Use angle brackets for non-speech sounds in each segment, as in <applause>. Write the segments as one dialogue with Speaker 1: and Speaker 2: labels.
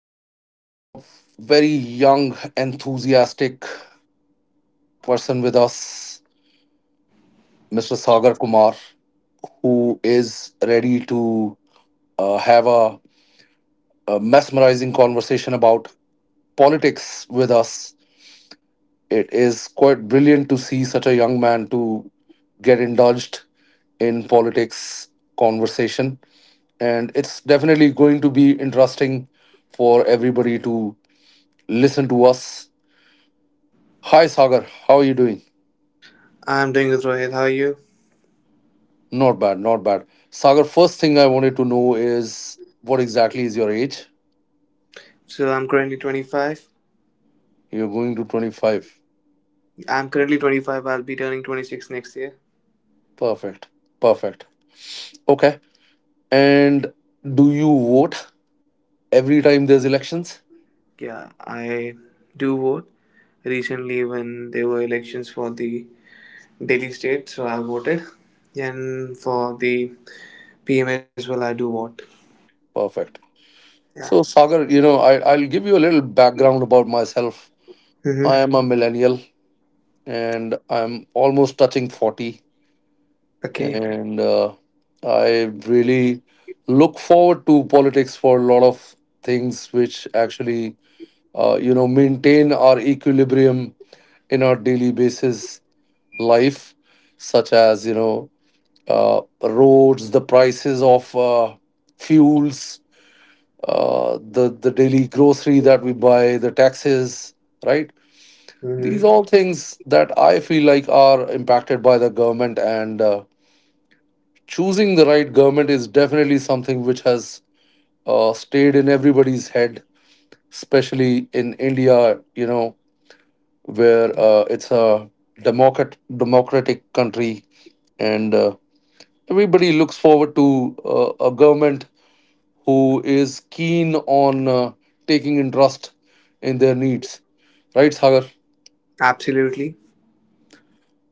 Speaker 1: So, we have a very young, enthusiastic person with us, Mr. Sagar Kumar, who is ready to have a mesmerizing conversation about politics with us. It is quite brilliant to see such a young man to get indulged in politics conversation, and it's definitely going to be interesting for everybody to listen to us. Hi, Sagar. How are you doing?
Speaker 2: I'm doing good, Rohit. How are you?
Speaker 1: Not bad, not bad. Sagar, first thing I wanted to know is what exactly is your age?
Speaker 2: So I'm currently 25.
Speaker 1: You're going to 25.
Speaker 2: I'm currently 25. I'll be turning 26 next year.
Speaker 1: Perfect, perfect. Okay. And do you vote every time there's elections?
Speaker 2: Yeah, I do vote. Recently, when there were elections for the Delhi state, so I voted. And for the PM as well, I do vote.
Speaker 1: Perfect.
Speaker 2: Yeah.
Speaker 1: So, Sagar, you know, I'll give you a little background about myself. I
Speaker 2: Mm-hmm.
Speaker 1: am a millennial and I'm almost touching 40.
Speaker 2: Okay.
Speaker 1: And I really look forward to politics for a lot of things which actually maintain our equilibrium in our daily basis life, such as roads, the prices of fuels, the daily grocery that we buy, the taxes, right? These all
Speaker 2: Mm-hmm.
Speaker 1: things that I feel like are impacted by the government, and choosing the right government is definitely something which has stayed in everybody's head, especially in India, where it's a democrat democratic country, and everybody looks forward to a government who is keen on taking interest in their needs. Right, Sagar?
Speaker 2: Absolutely.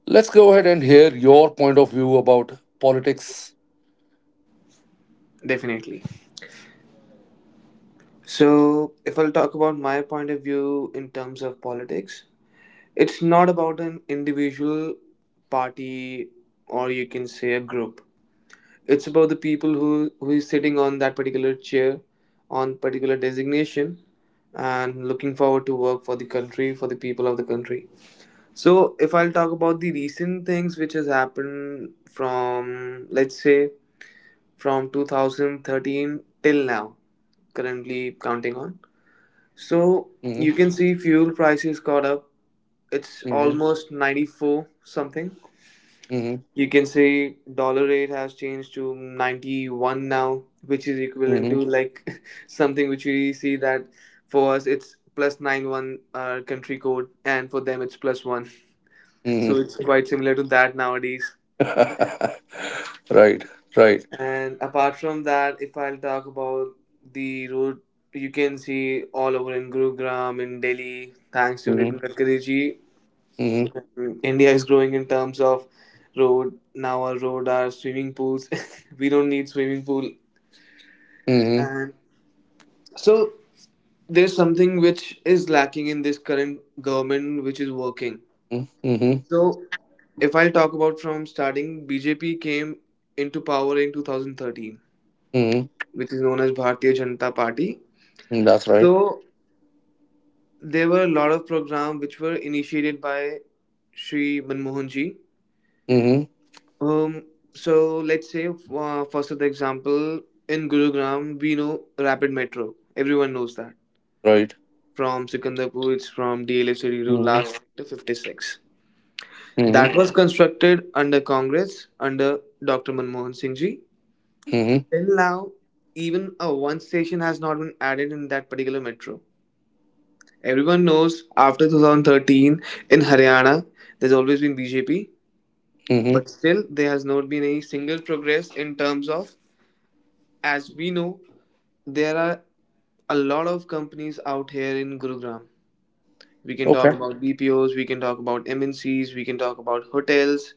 Speaker 1: Let's go ahead and hear your point of view about politics.
Speaker 2: Definitely. So, if I'll talk about my point of view in terms of politics, it's not about an individual party or you can say a group. It's about the people who is sitting on that particular chair, on particular designation, and looking forward to work for the country, for the people of the country. So if I'll talk about the recent things which has happened from let's say from 2013 till now, currently counting on. So
Speaker 1: Hmm.
Speaker 2: you can see fuel prices got up. It's
Speaker 1: Hmm.
Speaker 2: almost 94 something. You can say dollar rate has changed to 91 now, which is equivalent
Speaker 1: Hmm.
Speaker 2: to like, <laughs> something which we see that for us it's plus 91 country code and for them it's plus 1. So
Speaker 1: Hmm.
Speaker 2: it's quite similar to that nowadays.
Speaker 1: <laughs> Right, right.
Speaker 2: And apart from that, if I'll talk about the road, you can see all over in Gurugram, in Delhi, thanks to
Speaker 1: Mm-hmm,
Speaker 2: Nitin Gadkari ji.
Speaker 1: mm-hmm,
Speaker 2: India is growing in terms of road. Now our road are swimming pools. <laughs> We don't need swimming pool.
Speaker 1: mm-hmm,
Speaker 2: And so there's something which is lacking in this current government which is working.
Speaker 1: mm-hmm,
Speaker 2: So if I'll talk about from starting, BJP came into power in 2013,
Speaker 1: mm-hmm.
Speaker 2: which is known as Bharatiya Janata Party.
Speaker 1: That's right.
Speaker 2: So there were a lot of programs which were initiated by Shri Manmohan ji.
Speaker 1: Mm-hmm.
Speaker 2: Um, so let's say first of the example in Gurugram, we know rapid metro. Everyone knows that.
Speaker 1: Right.
Speaker 2: From Sikandarpur, it's from DLF Schedule
Speaker 1: Mm-hmm,
Speaker 2: last sector 56.
Speaker 1: mm-hmm,
Speaker 2: That was constructed under Congress, under Dr. Manmohan Singh ji.
Speaker 1: mm-hmm,
Speaker 2: Till now, even a one station has not been added in that particular metro. Everyone knows after 2013 in Haryana, there's always been BJP,
Speaker 1: mm-hmm.
Speaker 2: but still there has not been any single progress in terms of, as we know, there are a lot of companies out here in Gurugram. We can talk
Speaker 1: Okay.
Speaker 2: about BPOs, we can talk about MNCs, we can talk about hotels.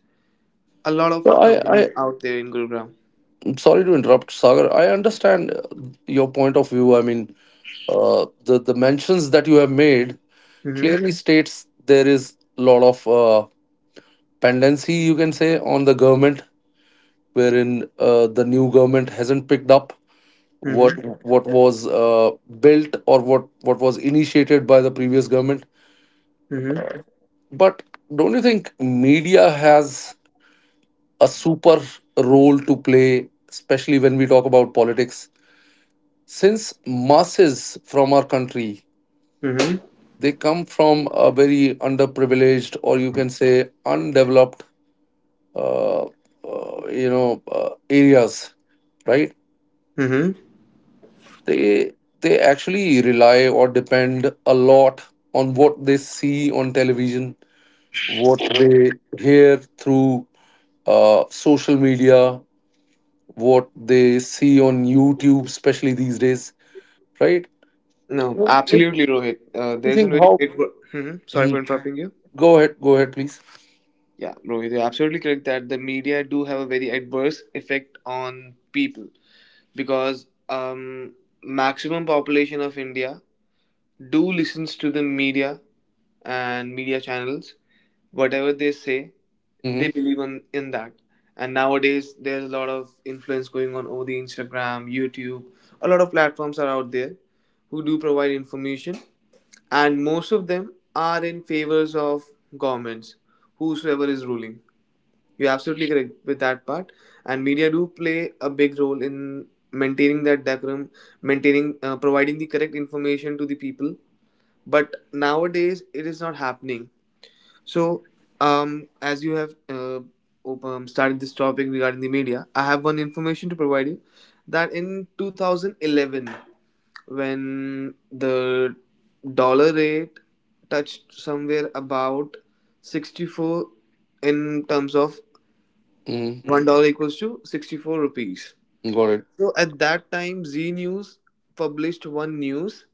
Speaker 2: A lot
Speaker 1: So
Speaker 2: of
Speaker 1: I,
Speaker 2: companies
Speaker 1: I,
Speaker 2: out there in Gurugram.
Speaker 1: I'm sorry to interrupt, Sagar. I understand your point of view. I mean, the mentions that you have made
Speaker 2: Mm-hmm.
Speaker 1: clearly states there is a lot of pendency, you can say, on the government, wherein the new government hasn't picked up. what
Speaker 2: Mm-hmm.
Speaker 1: what was built, or what was initiated by the previous government?
Speaker 2: Mm-hmm.
Speaker 1: But don't you think media has a super role to play, especially when we talk about politics, since masses from our country,
Speaker 2: Mm-hmm.
Speaker 1: they come from a very underprivileged, or you can say undeveloped uh, areas, right?
Speaker 2: Mm-hmm.
Speaker 1: They they actually rely or depend a lot on what they see on television, what they hear through social media, what they see on YouTube, especially these days, right?
Speaker 2: No,
Speaker 1: What what-
Speaker 2: absolutely, Rohit.
Speaker 1: what do you
Speaker 2: There's a
Speaker 1: think?
Speaker 2: very
Speaker 1: How?
Speaker 2: Mhm. Sorry for
Speaker 1: Mm,
Speaker 2: interrupting you.
Speaker 1: Go ahead, go ahead, please.
Speaker 2: Yeah, Rohit, you're absolutely correct that the media do have a very adverse effect on people because maximum population of India do listens to the media and media channels, whatever they say
Speaker 1: Mm-hmm.
Speaker 2: they believe in that. And nowadays there's a lot of influence going on over the Instagram, YouTube. A lot of platforms are out there who do provide information, and most of them are in favors of governments whosoever is ruling. You're absolutely correct with that part, and media do play a big role in maintaining that decorum, maintaining, providing the correct information to the people, but nowadays it is not happening. So, as you have started this topic regarding the media, I have one information to provide you, that in 2011 when the dollar rate touched somewhere about 64, in terms of
Speaker 1: Mm-hmm.
Speaker 2: $1 equals to 64 rupees.
Speaker 1: Got it.
Speaker 2: So at that time Z News published one news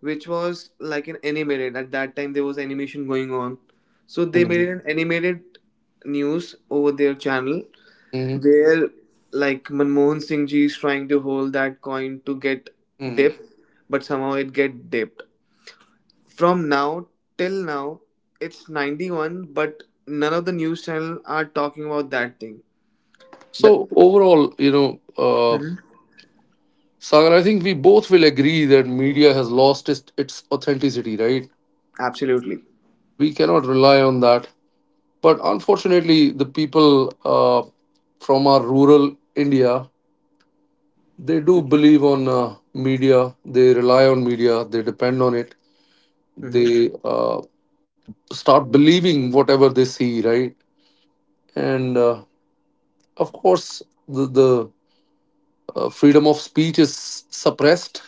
Speaker 2: which was like an animated. At that time, there was animation going on, so they
Speaker 1: Mm-hmm.
Speaker 2: made an animated news over their channel
Speaker 1: Mm-hmm.
Speaker 2: where like Manmohan Singh ji is trying to hold that coin to get
Speaker 1: Hmm.
Speaker 2: dipped, but somehow it get dipped. From now till now, it's 91, but none of the news channel are talking about that thing. The
Speaker 1: So overall,
Speaker 2: Mhm.
Speaker 1: Sagar, I think we both will agree that media has lost its authenticity, right?
Speaker 2: Absolutely.
Speaker 1: We cannot rely on that. But unfortunately, the people from our rural India, they do believe on media, they rely on media, they depend on it,
Speaker 2: Mhm.
Speaker 1: they start believing whatever they see, right? And of course, the freedom of speech is suppressed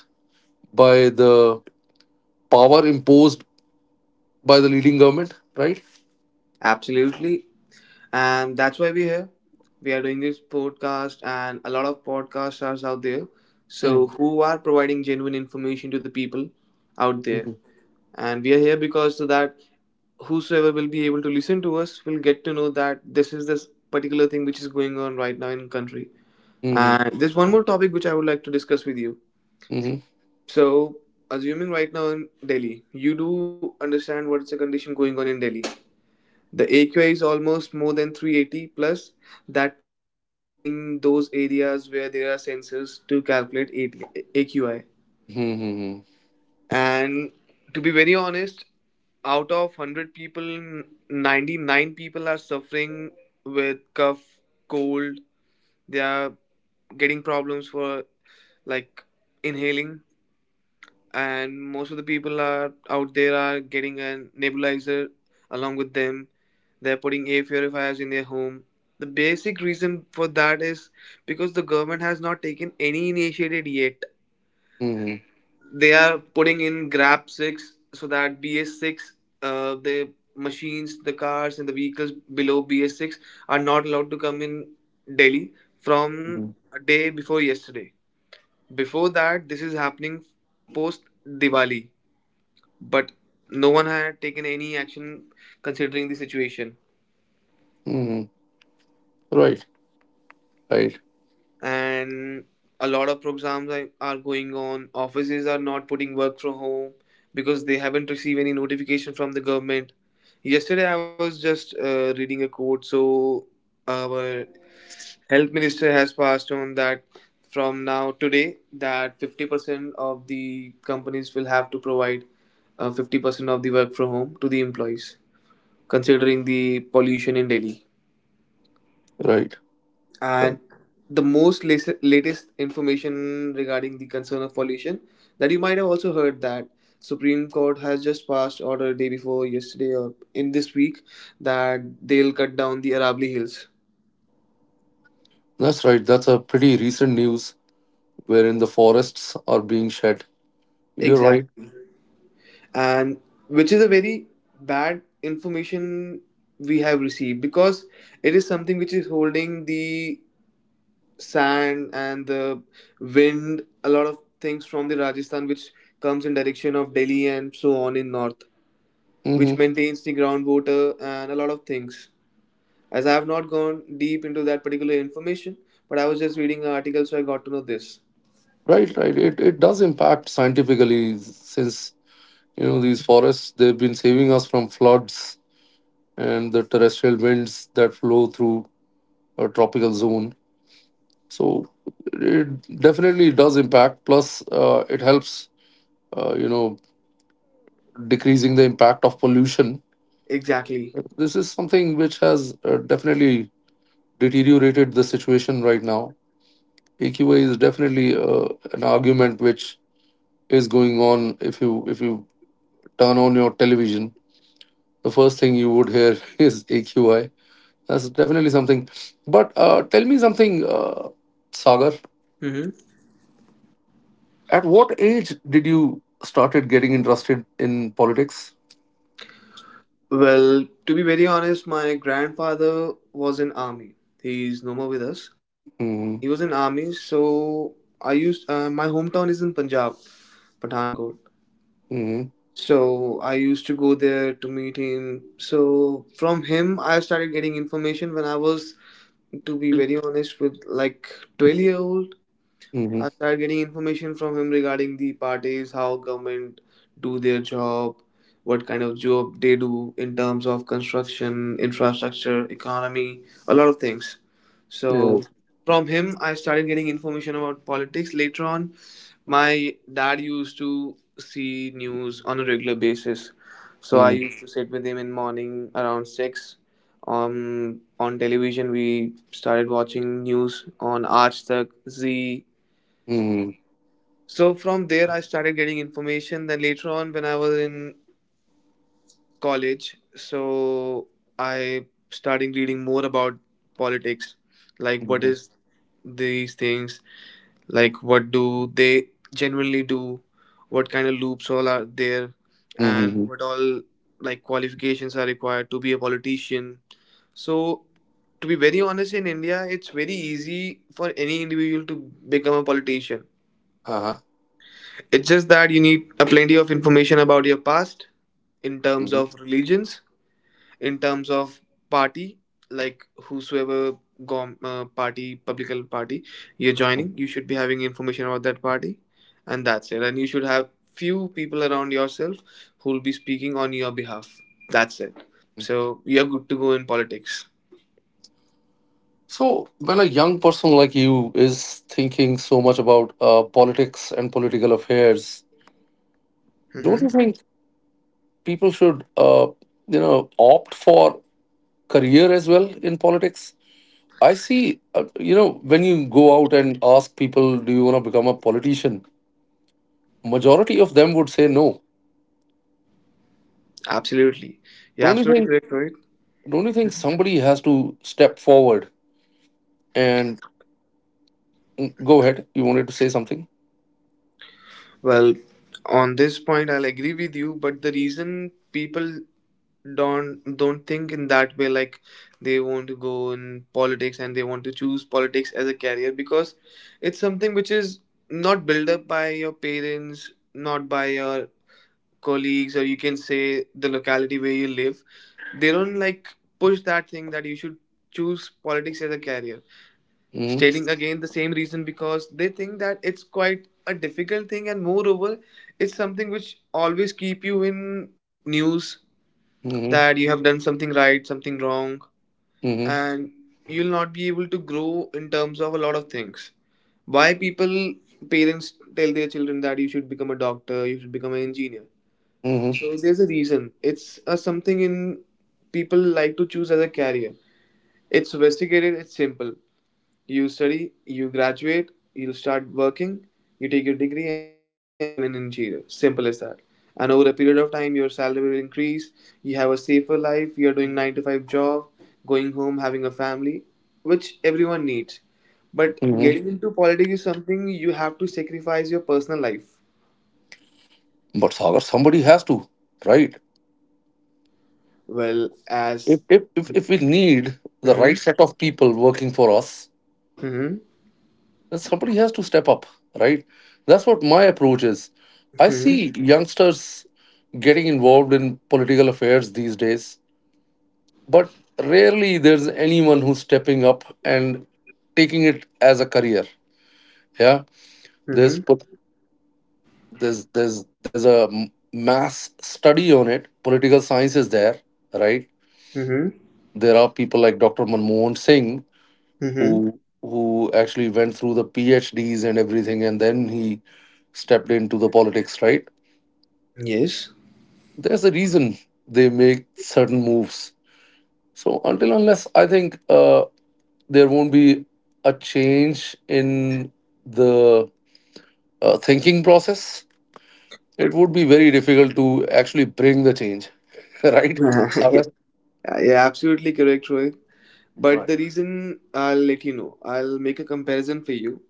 Speaker 1: by the power imposed by the leading government, right?
Speaker 2: Absolutely. And that's why we're here. We are doing this podcast, and a lot of podcasts are out there. So,
Speaker 1: Mm-hmm.
Speaker 2: who are providing genuine information to the people out there?
Speaker 1: Mm-hmm.
Speaker 2: And we are here because so that whosoever will be able to listen to us will get to know that this particular thing which is going on right now in country. And there's one more topic which I would like to discuss with you.
Speaker 1: Mm-hmm.
Speaker 2: So, assuming right now in Delhi, you do understand what's the condition going on in Delhi. The AQI is almost more than 380 plus, that too after maintaining those areas where there are sensors to calculate AQI.
Speaker 1: Mm-hmm.
Speaker 2: And to be very honest, out of 100 people, 99 people are suffering with cough, cold. They are getting problems for like inhaling. And most of the people are out there are getting a nebulizer along with them. They're putting air purifiers in their home. The basic reason for that is because the government has not taken any initiative yet.
Speaker 1: Mm-hmm.
Speaker 2: They are putting in grab 6 so that BS6, the machines, the cars, and the vehicles below BS6 are not allowed to come in Delhi from a day before yesterday. Before that this is happening post Diwali, but no one had taken any action considering the situation.
Speaker 1: Mm-hmm. Right. Right.
Speaker 2: And a lot of programs are going on. Offices are not putting work from home because they haven't received any notification from the government. Yesterday I was just reading a quote. So our health minister has passed on that from now today that 50% of the companies will have to provide 50% of the work from home to the employees considering the pollution in Delhi.
Speaker 1: Right.
Speaker 2: And
Speaker 1: Right.
Speaker 2: the most latest information regarding the concern of pollution, that you might have also heard, that Supreme Court has just passed order day before yesterday or in this week that they'll cut down the Arabli Hills.
Speaker 1: That's right. That's a pretty recent news, wherein the forests are being shed. You're right.
Speaker 2: Exactly. And which is a very bad information we have received because it is something which is holding the sand and the wind, a lot of things from the Rajasthan, which comes in direction of Delhi and so on in north,
Speaker 1: Hmm.
Speaker 2: which maintains the groundwater and a lot of things. As I have not gone deep into that particular information, but I was just reading an article, so I got to know this.
Speaker 1: Right, right. It does impact scientifically, since these forests, they've been saving us from floods and the terrestrial winds that flow through a tropical zone. So it definitely does impact. Plus, it helps uh, you know decreasing the impact of pollution.
Speaker 2: Exactly.
Speaker 1: This is something which has definitely deteriorated the situation right now. AQA is definitely an argument which is going on if you turn on your television, the first thing you would hear <laughs> is AQI. That's definitely something. But tell me something, Sagar.
Speaker 2: Hmm.
Speaker 1: At what age did you started getting interested in politics?
Speaker 2: Well, to be very honest, my grandfather was in army. He's no more with us, but
Speaker 1: Mm-hmm.
Speaker 2: he was in army. So I used my hometown is in Punjab, Pathankot.
Speaker 1: Mm-hmm.
Speaker 2: So I used to go there to meet him. So from him, I started getting information when I was, to be very honest, with like 12-year old. I started getting information from him regarding the parties, how government do their job, what kind of job they do in terms of construction, infrastructure, economy, a lot of things.
Speaker 1: Mm-hmm.
Speaker 2: So
Speaker 1: Yes.
Speaker 2: from him I started getting information about politics. Later on, my dad used to see news on a regular basis, so I
Speaker 1: Mm-hmm.
Speaker 2: used to sit with him in morning around six. On television, we started watching news on Aajtak, Z.
Speaker 1: Mm-hmm.
Speaker 2: So from there, I started getting information. Then later on, when I was in college, so I started reading more about politics, like what is these things, like what do they genuinely do, what kind of loops all are there, and
Speaker 1: Mm-hmm.
Speaker 2: what all like qualifications are required to be a politician. So to be very honest, in India it's very easy for any individual to become a politician.
Speaker 1: Uh-huh.
Speaker 2: It's just that you need a plenty of information about your past, in terms
Speaker 1: Hmm.
Speaker 2: of religions, in terms of party, like whosoever party, political party you're joining, you should be having information about that party, and that's it. And you should have few people around yourself who will be speaking on your behalf, that's it, so you're good to go in politics.
Speaker 1: So, when a young person like you is thinking so much about politics and political affairs, don't you
Speaker 2: Hmm.
Speaker 1: think people should opt for career as well in politics. I see, when you go out and ask people, do you want to become a politician? Majority of them would say no.
Speaker 2: Absolutely. You're
Speaker 1: Don't you
Speaker 2: absolutely
Speaker 1: think?
Speaker 2: correct, right.
Speaker 1: Don't you think somebody has to step forward and go ahead? You wanted to say something.
Speaker 2: Well, on this point I'll agree with you, but the reason people don't think in that way, like they want to go in politics and they want to choose politics as a career because it's something which is not built up by your parents, not by your colleagues, or you can say the locality where you live, they don't like push that thing that you should choose politics as a career.
Speaker 1: Hmm.
Speaker 2: Stating again the same reason because they think that it's quite a difficult thing, and moreover it's something which always keep you in news, that
Speaker 1: Hmm.
Speaker 2: you have done something right, something wrong,
Speaker 1: Hmm.
Speaker 2: and you'll not be able to grow in terms of a lot of things. Why people, parents tell their children that you should become a doctor, you should become an engineer.
Speaker 1: Hmm.
Speaker 2: So there's a reason. It's a something in people like to choose as a career. It's sophisticated, it's simple. You study, you graduate, you start working, you take your degree, and you become an engineer. Simple as that. And over a period of time, your salary will increase. You have a safer life. You're doing nine to five job, going home, having a family, which everyone needs. But
Speaker 1: Hmm.
Speaker 2: getting into politics is something you have to sacrifice your personal life.
Speaker 1: But Sagar, somebody has to, right?
Speaker 2: Well,
Speaker 1: If
Speaker 2: as
Speaker 1: if if if we need the right
Speaker 2: hmm
Speaker 1: set of people working for us,
Speaker 2: hmm
Speaker 1: somebody has to step up, right? That's what my approach is. I
Speaker 2: hmm
Speaker 1: see youngsters getting involved in political affairs these days, but rarely there's anyone who's stepping up and taking it as a career. Yeah, there's
Speaker 2: hmm
Speaker 1: po- there's a mass study on it. Political science is there, right?
Speaker 2: hmm
Speaker 1: There are people like Dr. Manmohan Singh,
Speaker 2: hmm
Speaker 1: who actually went through the PhDs and everything, and then he stepped into the politics, right?
Speaker 2: yes.
Speaker 1: There's a reason they make certain moves. So until unless I think there won't be a change in the thinking process, it would be very difficult to actually bring the change, <laughs>
Speaker 2: <laughs>
Speaker 1: right?
Speaker 2: yeah,
Speaker 1: Sagar?
Speaker 2: yeah, absolutely correct, Rohit. But the
Speaker 1: Right.
Speaker 2: reason I'll let you know, I'll make a comparison for you.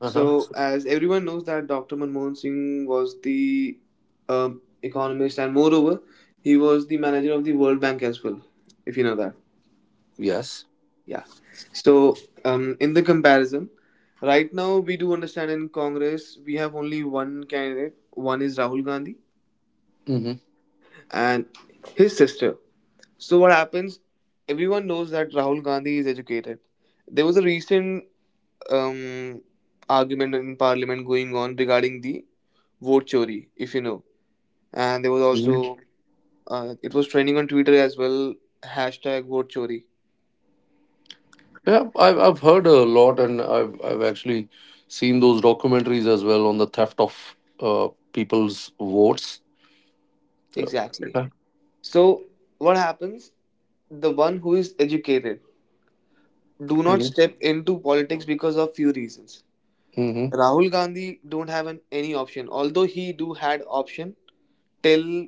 Speaker 1: Uh huh.
Speaker 2: So, as everyone knows that Dr. Manmohan Singh was the economist, and moreover, he was the manager of the World Bank as well. If you know that,
Speaker 1: Yes.
Speaker 2: yeah. So, in the comparison, right now we do understand in Congress we have only one candidate. One is Rahul Gandhi
Speaker 1: Hmm.
Speaker 2: and his sister. So, what happens? Everyone knows that Rahul Gandhi is educated. There was a recent um, argument in parliament going on regarding the vote chori, if you know. And there was
Speaker 1: Hmm.
Speaker 2: also, it was trending on Twitter as well, hashtag vote chori.
Speaker 1: Yeah, I've heard a lot, and I've actually seen those documentaries as well on the theft of people's votes.
Speaker 2: Exactly. So, what happens? The one who is educated do not
Speaker 1: Hmm.
Speaker 2: step into politics because of few reasons.
Speaker 1: Hmm.
Speaker 2: Rahul Gandhi don't have an, any option, although he do had option till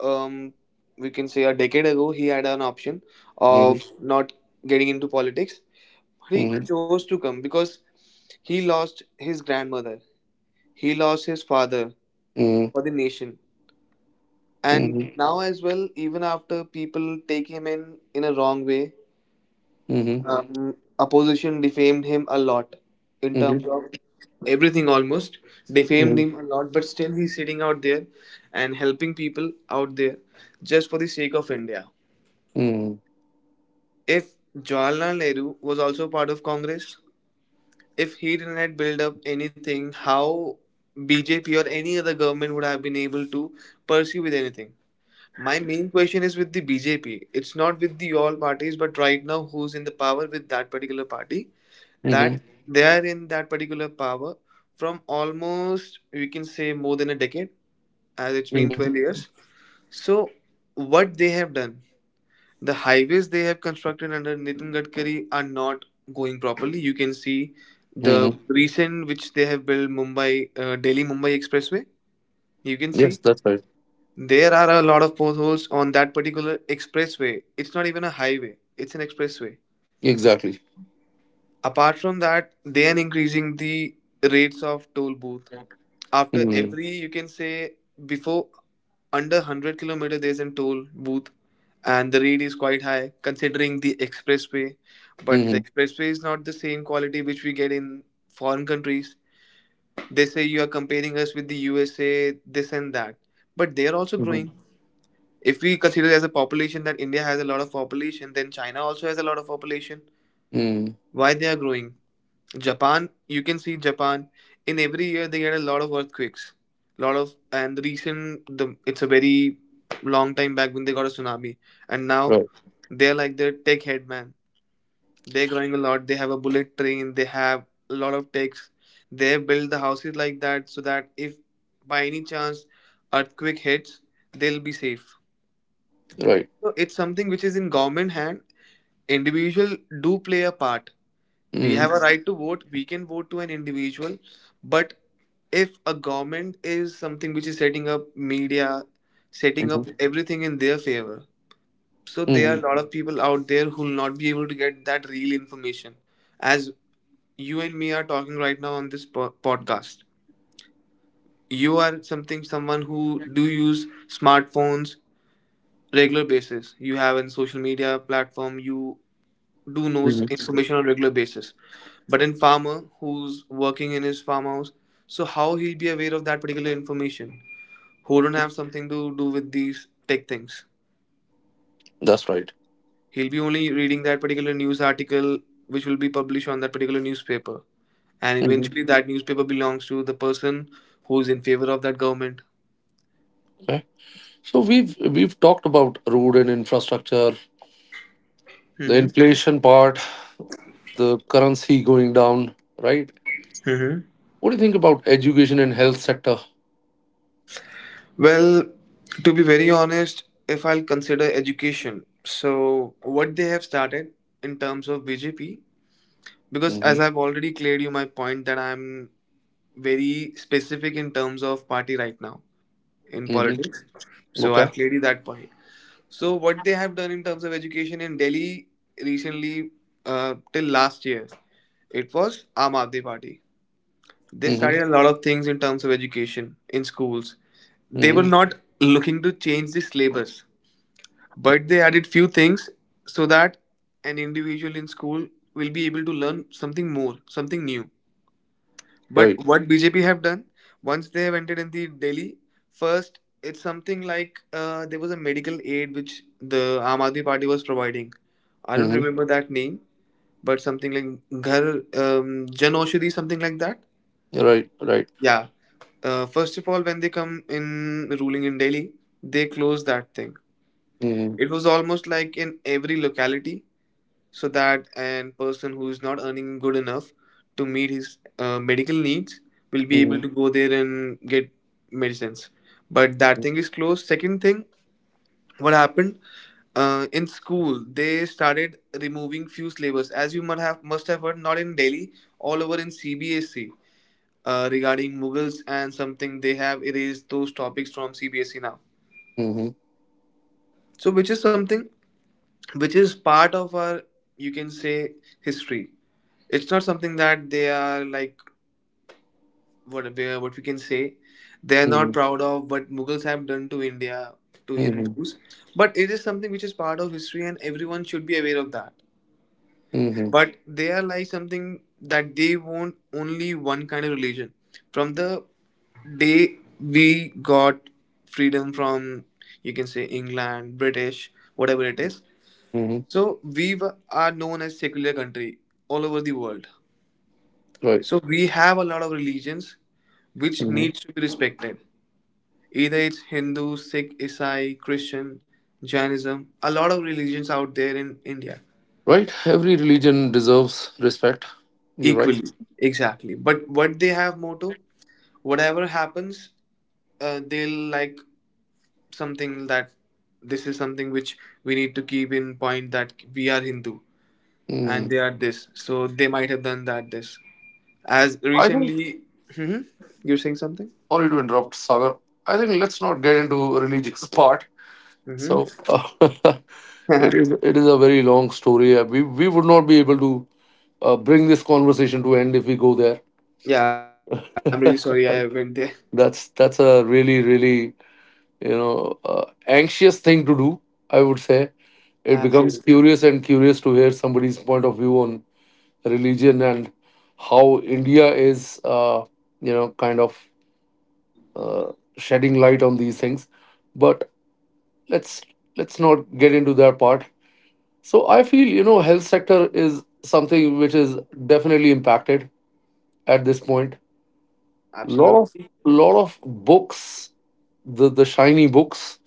Speaker 2: um, we can say a decade ago. He had an option
Speaker 1: Hmm.
Speaker 2: of not getting into politics. He chose to come because he lost his grandmother, he lost his father
Speaker 1: Mhm,
Speaker 2: for the nation. And
Speaker 1: mhm,
Speaker 2: now, as well, even after people take him in a wrong way,
Speaker 1: mhm,
Speaker 2: opposition defamed him a lot in
Speaker 1: mhm,
Speaker 2: terms of everything, almost defamed
Speaker 1: mhm,
Speaker 2: him a lot, but still he's sitting out there and helping people out there just for the sake of India.
Speaker 1: mhm,
Speaker 2: If Jawaharlal Nehru was also part of Congress, if he didn't had built up anything, how BJP or any other government would have been able to pursue with anything. My main question is with the BJP. It's not with the all parties, but right now who's in the power with that particular party?
Speaker 1: mhm,
Speaker 2: That they are in that particular power from almost, we can say, more than a decade, as it's been
Speaker 1: mhm,
Speaker 2: 12 years. So what they have done, the highways they have constructed under Nitin Gadkari are not going properly. You can see the
Speaker 1: mhm.
Speaker 2: recent which they have built, Mumbai Delhi Mumbai Expressway. You can
Speaker 1: Yes,
Speaker 2: see
Speaker 1: that's right.
Speaker 2: there are a lot of potholes on that particular expressway. It's not even a highway; it's an expressway.
Speaker 1: Exactly.
Speaker 2: Apart from that, they are increasing the rates of toll booth. After
Speaker 1: Mhm,
Speaker 2: every, you can say, before under 100-kilometer, there's a toll booth, and the rate is quite high considering the expressway. But the
Speaker 1: mhm,
Speaker 2: expressway is not the same quality which we get in foreign countries. They say you are comparing us with the USA, this and that. But they are also
Speaker 1: mhm,
Speaker 2: growing. If we consider as a population that India has a lot of population, then China also has a lot of population.
Speaker 1: mhm.
Speaker 2: Why they are growing? Japan, you can see Japan, in every year they get a lot of earthquakes, lot of, and the recent the it's a very long time back when they got a tsunami, and now
Speaker 1: Right,
Speaker 2: they're like the tech head man. They're growing a lot. They have a bullet train. They have a lot of techs. They build the houses like that so that if by any chance earthquake hits, they'll be safe.
Speaker 1: right.
Speaker 2: So it's something which is in government hand. Individual do play a part. We
Speaker 1: Mhm,
Speaker 2: have a right to vote, we can vote to an individual, but if a government is something which is setting up media, setting
Speaker 1: mhm,
Speaker 2: up everything in their favor, so there are
Speaker 1: mhm,
Speaker 2: a lot of people out there who will not be able to get that real information, as you and me are talking right now on this podcast. You are something, someone who do use smartphones regular basis, you have a social media platform, you do knows
Speaker 1: mhm.
Speaker 2: information on a regular basis. But in farmer who's working in his farmhouse, so how he'll be aware of that particular information? Who don't have something to do with these tech things?
Speaker 1: That's right.
Speaker 2: He'll be only reading that particular news article which will be published on that particular newspaper. And
Speaker 1: Mhm.
Speaker 2: eventually that newspaper belongs to the person who's in favor of that government.
Speaker 1: Okay. So we've talked about road and infrastructure, the
Speaker 2: Hmm
Speaker 1: inflation part, the currency going down, right?
Speaker 2: hmm.
Speaker 1: What do you think about education and health sector?
Speaker 2: Well, to be very honest, if I'll consider education, so what they have started in terms of BJP, because as
Speaker 1: Mm-hmm.
Speaker 2: I've already cleared you my point that I'm very specific in terms of party right now in
Speaker 1: Mm-hmm.
Speaker 2: politics. So
Speaker 1: Okay.
Speaker 2: I've cleared you that point. So what they have done in terms of education in Delhi recently, till last year, it was Aam Aadmi Party. They
Speaker 1: Mm-hmm.
Speaker 2: started a lot of things in terms of education in schools. They were
Speaker 1: Mm-hmm.
Speaker 2: not looking to change the syllabus, but they added few things so that an individual in school will be able to learn something more, something new. But
Speaker 1: Right.
Speaker 2: what BJP have done, once they have entered in the Delhi, first it's something like, there was a medical aid which the Aam Aadmi Party was providing. I don't
Speaker 1: Mm-hmm.
Speaker 2: remember that name, but something like Ghar Jan Oshadhi, something like that.
Speaker 1: Right. Right.
Speaker 2: Yeah. First of all, when they come in ruling in Delhi, they close that thing.
Speaker 1: Hmm.
Speaker 2: It was almost like in every locality, so that an person who is not earning good enough to meet his medical needs will be able
Speaker 1: Mm-hmm.
Speaker 2: to go there and get medicines, but that thing is closed. Second thing, what happened, in school they started removing few syllabus, as you must have heard, not in Delhi, all over in CBSE. Uh, regarding Mughals and something, they have erased those topics from CBSE now.
Speaker 1: Mm-hmm.
Speaker 2: So which is something which is part of our, you can say, history. It's not something that they are like, what we can say, they are not
Speaker 1: Mm-hmm.
Speaker 2: proud of what Mughals have done to India, to Hindus, but it is something which is part of history and everyone should be aware of that.
Speaker 1: Mm-hmm.
Speaker 2: But they are like something that they want only one kind of religion from the day we got freedom from, you can say, England, British, whatever it is.
Speaker 1: Hmm.
Speaker 2: So are known as secular country all over the world.
Speaker 1: Right.
Speaker 2: So we have a lot of religions which
Speaker 1: Hmm.
Speaker 2: needs to be respected. Either it's Hindu, Sikh, Isai, Christian, Jainism, a lot of religions out there in India.
Speaker 1: Right. Every religion deserves respect. You're right.
Speaker 2: Equally, exactly. But what they have motto, whatever happens, they'll like something that this is something which we need to keep in point that we are Hindu
Speaker 1: Mm.
Speaker 2: and they are this. So they might have done that this. As
Speaker 1: I think.
Speaker 2: recently, mhm. You're saying something?
Speaker 1: Sorry to interrupt, Sagar. I think let's not get into religious <laughs> part.
Speaker 2: Hmm.
Speaker 1: So <laughs> it is a very long story. We would not be able to bring this conversation to end if we go there.
Speaker 2: Yeah, definitely. I'm really sorry I went there.
Speaker 1: That's a really, really anxious thing to do, I would say.
Speaker 2: <laughs>
Speaker 1: It becomes
Speaker 2: Absolutely.
Speaker 1: curious and curious to hear somebody's point of view on religion, and how India is kind of uh, shedding light on these things. But let's let's not get into that part. So I feel, health sector is something which is definitely impacted at this point. lot of
Speaker 2: Absolutely.
Speaker 1: lot of books, the shiny books,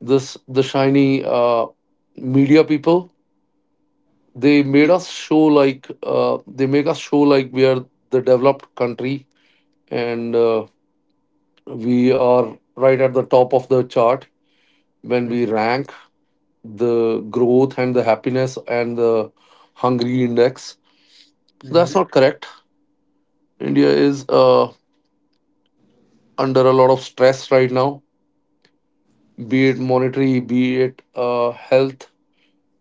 Speaker 1: this the shiny media people, they make us show like we are the developed country, and we are right at the top of the chart when we rank the growth and the happiness and the hungry index, so that's
Speaker 2: Mm-hmm.
Speaker 1: not correct. India is under a lot of stress right now, be it monetary, be it health,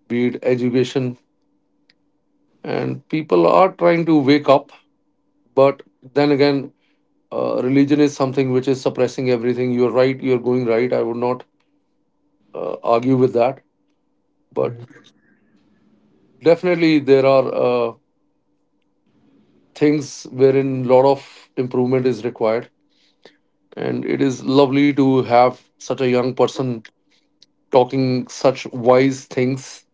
Speaker 1: be it education, and people are trying to wake up. But then again, religion is something which is suppressing everything, you're right, you're going right, I would not argue with that. But definitely there are things wherein a lot of improvement is required, and it is lovely to have such a young person talking such wise things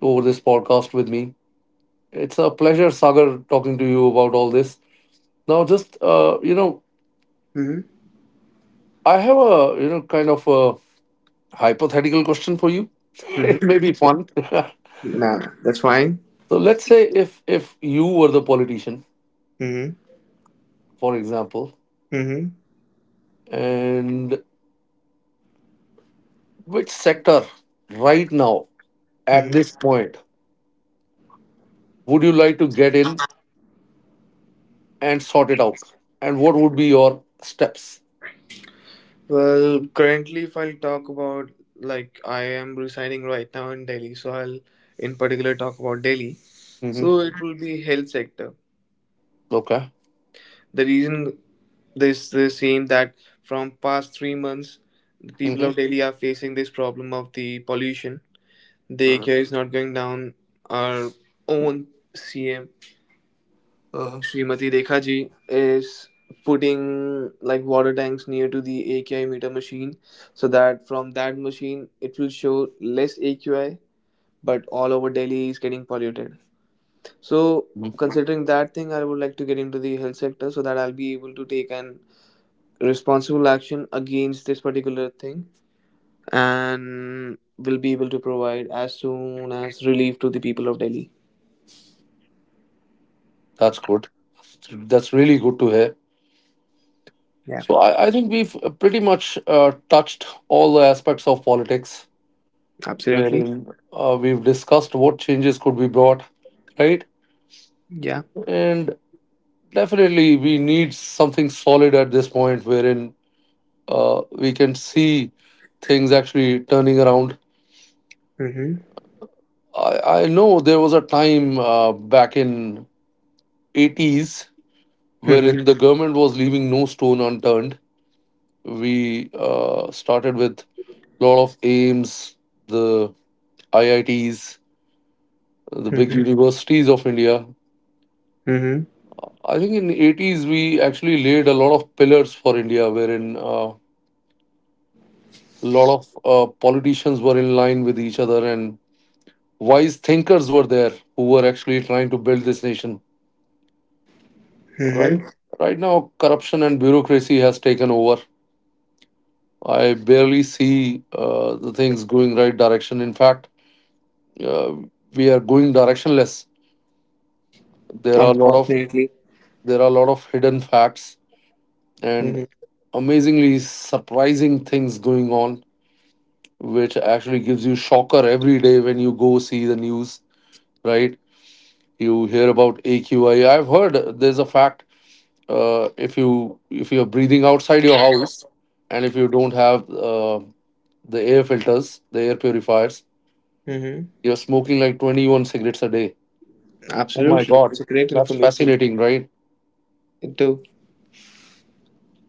Speaker 1: over this podcast with me. It's a pleasure, Sagar, talking to you about all this. Now just
Speaker 2: Mm-hmm.
Speaker 1: I have a kind of a hypothetical question for you. <laughs> It may
Speaker 2: Mm-hmm.
Speaker 1: be fun. <laughs> So
Speaker 2: Nah, that's fine.
Speaker 1: let's say, if you were the politician,
Speaker 2: Mm-hmm.
Speaker 1: for example,
Speaker 2: Mm-hmm.
Speaker 1: and which sector right now at this
Speaker 2: Mm-hmm.
Speaker 1: point would you like to get in and sort it out, and what would be your steps?
Speaker 2: Well, currently, if I'll talk about, like, I am residing right now in Delhi, so I'll in particular talk about Delhi.
Speaker 1: Hmm.
Speaker 2: So it will be health sector.
Speaker 1: Okay.
Speaker 2: The reason, this the same that from past 3 months, the people
Speaker 1: Hmm.
Speaker 2: of Delhi are facing this problem of the pollution. The AQI is not going down. Our own CM
Speaker 1: uh
Speaker 2: Srimati Rekha ji is putting like water tanks near to the AQI meter machine so that from that machine it will show less AQI, but all over Delhi is getting polluted. So considering that thing, I would like to get into the health sector so that I'll be able to take an responsible action against this particular thing and will be able to provide as soon as relief to the people of Delhi.
Speaker 1: That's good. That's really good to hear.
Speaker 2: Yeah,
Speaker 1: So I think we've pretty much touched all the aspects of politics,
Speaker 2: absolutely.
Speaker 1: wherein we've discussed what changes could be brought, right?
Speaker 2: Yeah.
Speaker 1: And definitely, we need something solid at this point, wherein we can see things actually turning around.
Speaker 2: Mm-hmm.
Speaker 1: I know there was a time, back in 80s,
Speaker 2: Mm-hmm.
Speaker 1: wherein the government was leaving no stone unturned. We started with a lot of aims, the IITs, the big
Speaker 2: Mm-hmm.
Speaker 1: universities of India.
Speaker 2: Mm-hmm.
Speaker 1: I think in 80s we actually laid a lot of pillars for India, wherein a lot of politicians were in line with each other, and wise thinkers were there who were actually trying to build this nation. Right,
Speaker 2: Mm-hmm.
Speaker 1: right now, corruption and bureaucracy has taken over. I barely see the things going right direction. In fact, uh, we are going directionless. There are a lot of
Speaker 2: Unfortunately.
Speaker 1: there are a lot of hidden facts
Speaker 2: Hmm
Speaker 1: and amazingly surprising things going on, which actually gives you shocker every day when you go see the news, right? You hear about AQI. I've heard there's a fact, if you're breathing outside your house, and if you don't have the air filters, the air purifiers,
Speaker 2: hmm.
Speaker 1: you're smoking like 21 cigarettes a day. Oh my
Speaker 2: Absolutely.
Speaker 1: God,
Speaker 2: It's a great
Speaker 1: that's
Speaker 2: information.
Speaker 1: fascinating, right?
Speaker 2: It do.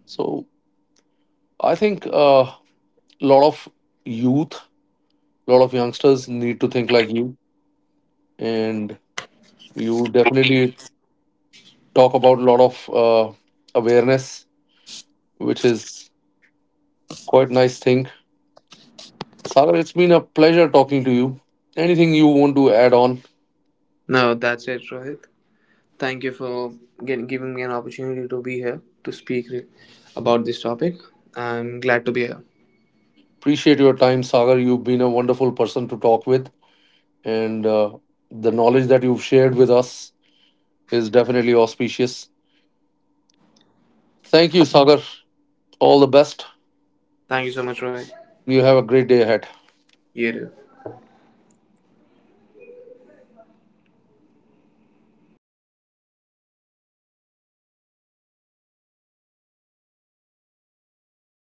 Speaker 1: So I think a lot of youth, a lot of youngsters need to think like you, and you definitely talk about a lot of awareness, which is quite nice thing. Sagar, it's been a pleasure talking to you. Anything you want to add on?
Speaker 2: No, that's it, Rohit. Thank you for giving me an opportunity to be here to speak about this topic. I'm glad to be here.
Speaker 1: Appreciate your time, Sagar. You've been a wonderful person to talk with, and the knowledge that you've shared with us is definitely auspicious. Thank you, Sagar. All the best.
Speaker 2: Thank you so much, Rohit.
Speaker 1: You have a great day ahead.
Speaker 2: You too.